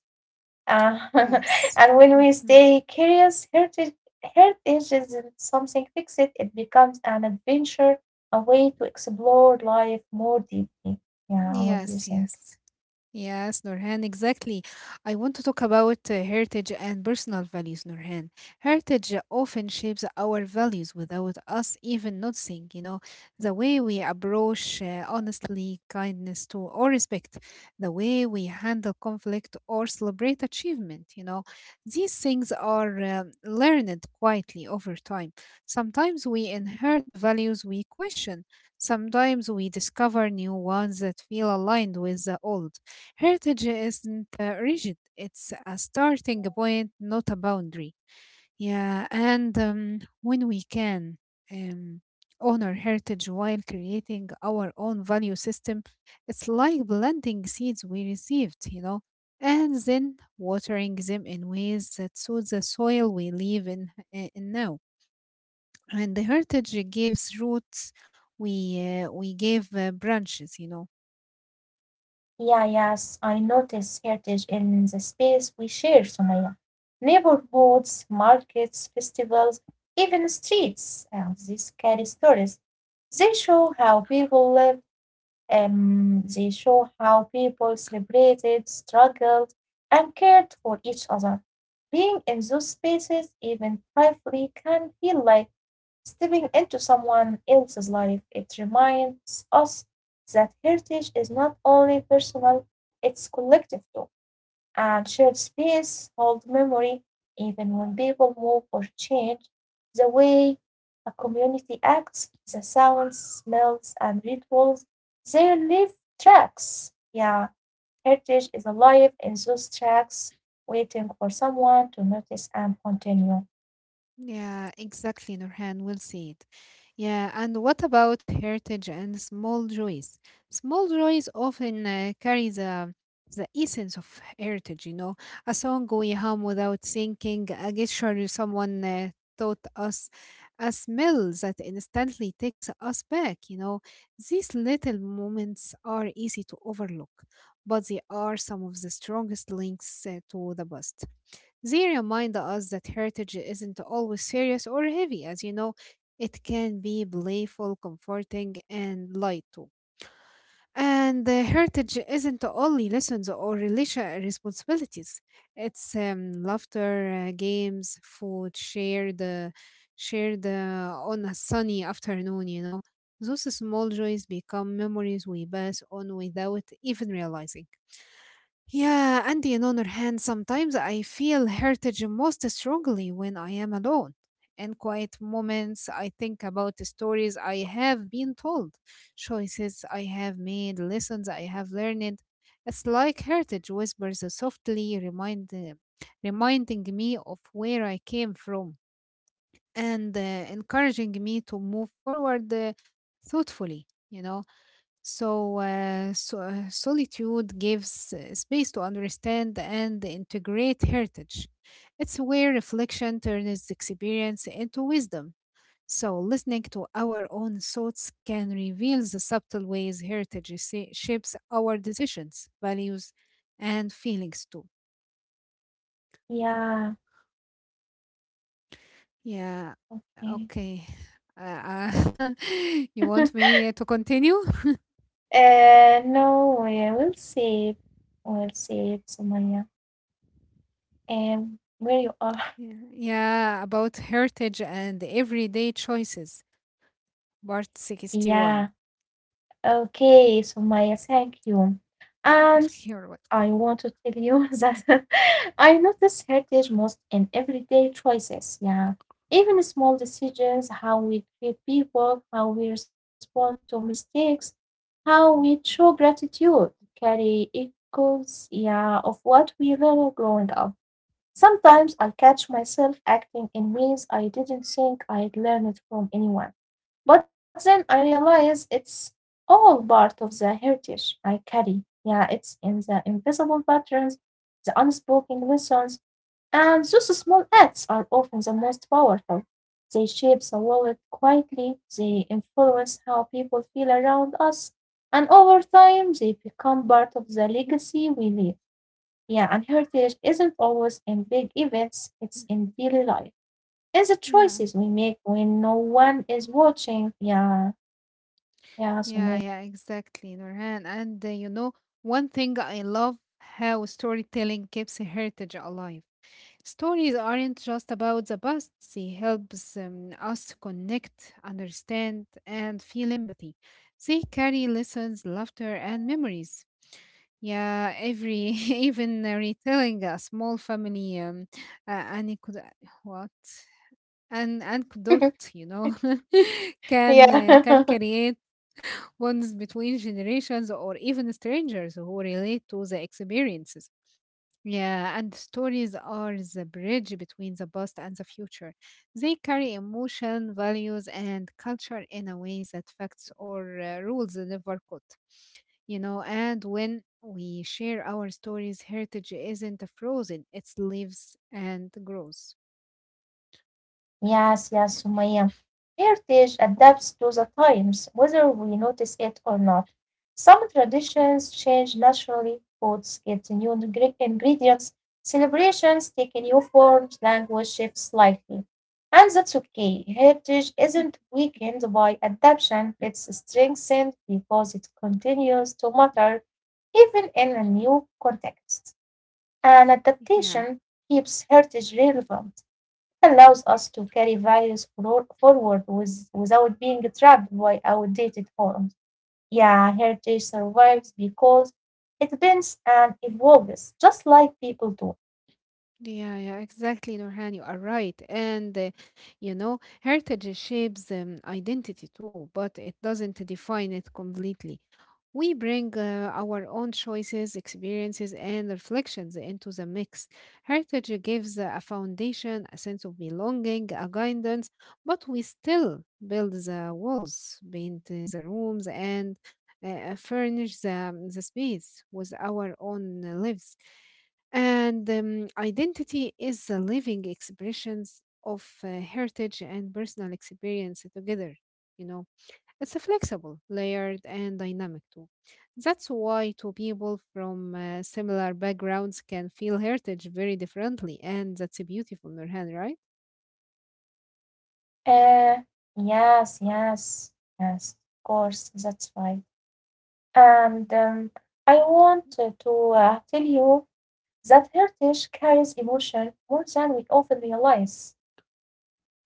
A: Uh,
B: Yes.
A: and when we stay curious, heritage isn't something fixed. It becomes an adventure, a way to explore life more deeply. Yeah, what do you
B: yes,
A: think?
B: yes. Yes, Nurhan, exactly. I want to talk about heritage and personal values, Nurhan. Heritage often shapes our values without us even noticing, you know, the way we approach honestly kindness to or respect, the way we handle conflict or celebrate achievement, you know. These things are learned quietly over time. Sometimes we inherit values we question. Sometimes we discover new ones that feel aligned with the old. Heritage isn't rigid, it's a starting point, not a boundary. Yeah, and when we can um, honor heritage while creating our own value system, it's like planting seeds we received, you know, and then watering them in ways that suit the soil we live in now. And the heritage gives roots, we give branches, you know.
A: Yeah, yes, I notice heritage in the space we share, Sumaya. Neighborhoods, markets, festivals, even streets. These carry stories. They show how people lived, they show how people celebrated, struggled, and cared for each other. Being in those spaces, even briefly, can feel like stepping into someone else's life. It reminds us that heritage is not only personal, it's collective too, and shared space hold memory even when people move or change. The way a community acts, the sounds, smells, and rituals, they leave tracks. Yeah, heritage is alive in those tracks, waiting for someone to notice and continue.
B: Yeah, exactly, Nurhan. We'll see it. Yeah, and what about heritage and small joys? Small joys often carry the essence of heritage. You know, a song we hum without thinking, a gesture someone taught us, a smell that instantly takes us back. You know, these little moments are easy to overlook, but they are some of the strongest links to the past. They remind us that heritage isn't always serious or heavy, as you know, it can be playful, comforting, and light too. And heritage isn't only lessons or relation responsibilities. It's laughter, games, shared on a sunny afternoon. You know, those small joys become memories we pass on without even realizing. Yeah, and on other hand, sometimes I feel heritage most strongly when I am alone. In quiet moments, I think about the stories I have been told, choices I have made, lessons I have learned. It's like heritage whispers softly, reminding me of where I came from and encouraging me to move forward thoughtfully, you know. So, solitude gives space to understand and integrate heritage. It's where reflection turns experience into wisdom. So, listening to our own thoughts can reveal the subtle ways heritage shapes our decisions, values, and feelings too.
A: Yeah,
B: Yeah,
A: yeah.
B: okay. Uh, uh, you want me to continue?
A: No, we'll see. We'll see it, Sumaya. Where you are?
B: Yeah, yeah, about heritage and everyday choices. Part
A: Yeah.
B: 61.
A: Okay, Sumaya, thank you. And
B: You're
A: I
B: welcome.
A: want to tell you that I notice heritage most in everyday choices. Yeah. Even small decisions, how we treat people, how we respond to mistakes, how we show gratitude, carry echoes, yeah, of what we learned growing up. Sometimes I catch myself acting in ways I didn't think I'd learned from anyone. But then I realize it's all part of the heritage I carry. Yeah, it's in the invisible patterns, the unspoken lessons, and those small acts are often the most powerful. They shape the world quietly, they influence how people feel around us, and over time they become part of the legacy we leave. Yeah, and heritage isn't always in big events, it's in daily life. And the
B: Yeah,
A: choices we make when no one is watching. Yeah, yeah, so many.
B: yeah, yeah, exactly, Nurhan. And you know, one thing I love how storytelling keeps heritage alive. Stories aren't just about the past, they helps us to connect, understand, and feel empathy. They carry lessons, laughter, and memories. Yeah, every even retelling a small family anecdote. What? And anecdote, you know, can
A: yeah.
B: create bonds between generations or even strangers who relate to the experiences. Yeah, and stories are the bridge between the past and the future. They carry emotion, values, and culture in a way that facts or rules never could, you know. And when we share our stories, heritage isn't frozen, it lives and grows.
A: Yes, yes, Sumaya. Heritage adapts to the times, whether we notice it or not. Some traditions change naturally, foods get new ingredients, celebrations take new forms, language shifts slightly. And that's okay. Heritage isn't weakened by adaptation, it's strengthened because it continues to matter even in a new context. And
B: Yeah.
A: adaptation keeps heritage relevant, allows us to carry values forward without being trapped by outdated forms. Yeah, heritage survives because it bends and evolves, just like people do.
B: Yeah, yeah, exactly, Nurhan. You are right. And, you know, heritage shapes identity too, but it doesn't define it completely. We bring our own choices, experiences, and reflections into the mix. Heritage gives a foundation, a sense of belonging, a guidance, but we still build the walls, paint the rooms, and furnish the space with our own lives, and identity is the living expressions of heritage and personal experience together. You know, it's a flexible, layered, and dynamic too. That's why two people from similar backgrounds can feel heritage very differently, and that's a beautiful, Nurhan, right?
A: Uh, yes, yes, yes, of course, that's right. And I want to tell you that heritage carries emotion more than we often realize.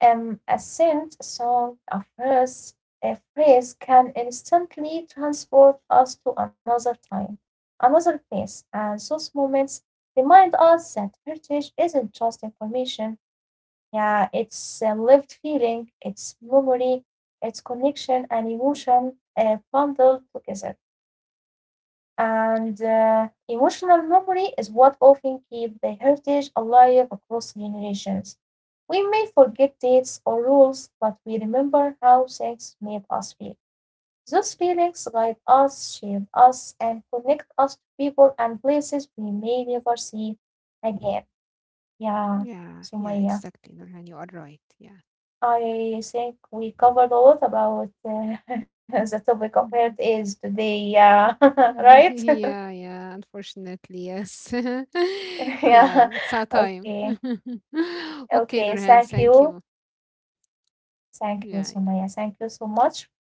A: A scent, a song, a verse, a phrase can instantly transport us to another time, another place, and those moments remind us that heritage isn't just information. Yeah, it's a lived feeling, it's memory, it's connection and emotion bundled together. And emotional memory is what often keeps the heritage alive across generations. We may forget dates or rules, but we remember how things made us feel. Those feelings guide us, shape us, and connect us to people and places we may never see again. Yeah,
B: Yeah, yeah,
A: Sumaya.
B: exactly, Nurhan. You are right. Yeah.
A: I think we covered a lot about the topic of
B: Mhm.
A: heritage today. Yeah,
B: Mhm.
A: right?
B: Yeah, yeah, unfortunately, yes.
A: yeah.
B: Yeah, it's our time.
A: Okay.
B: Okay,
A: Okay,
B: Nurhan,
A: thank
B: thank
A: you.
B: you.
A: Thank
B: Yeah,
A: you,
B: yeah.
A: Sumaya. Thank you so much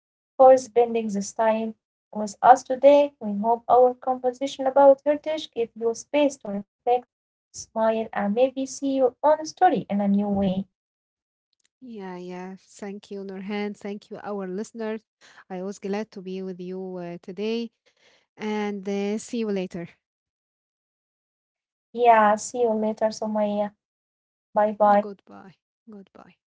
A: for spending this time with us today. We hope our conversation about heritage gave you space to reflect, smile, and maybe see your own story in a new way.
B: Yeah, yeah. Thank you, Nurhan. Thank you, our listeners. I was glad to be with you today and see you later.
A: Yeah, see you later, Sumaya. Bye bye.
B: Goodbye. Goodbye.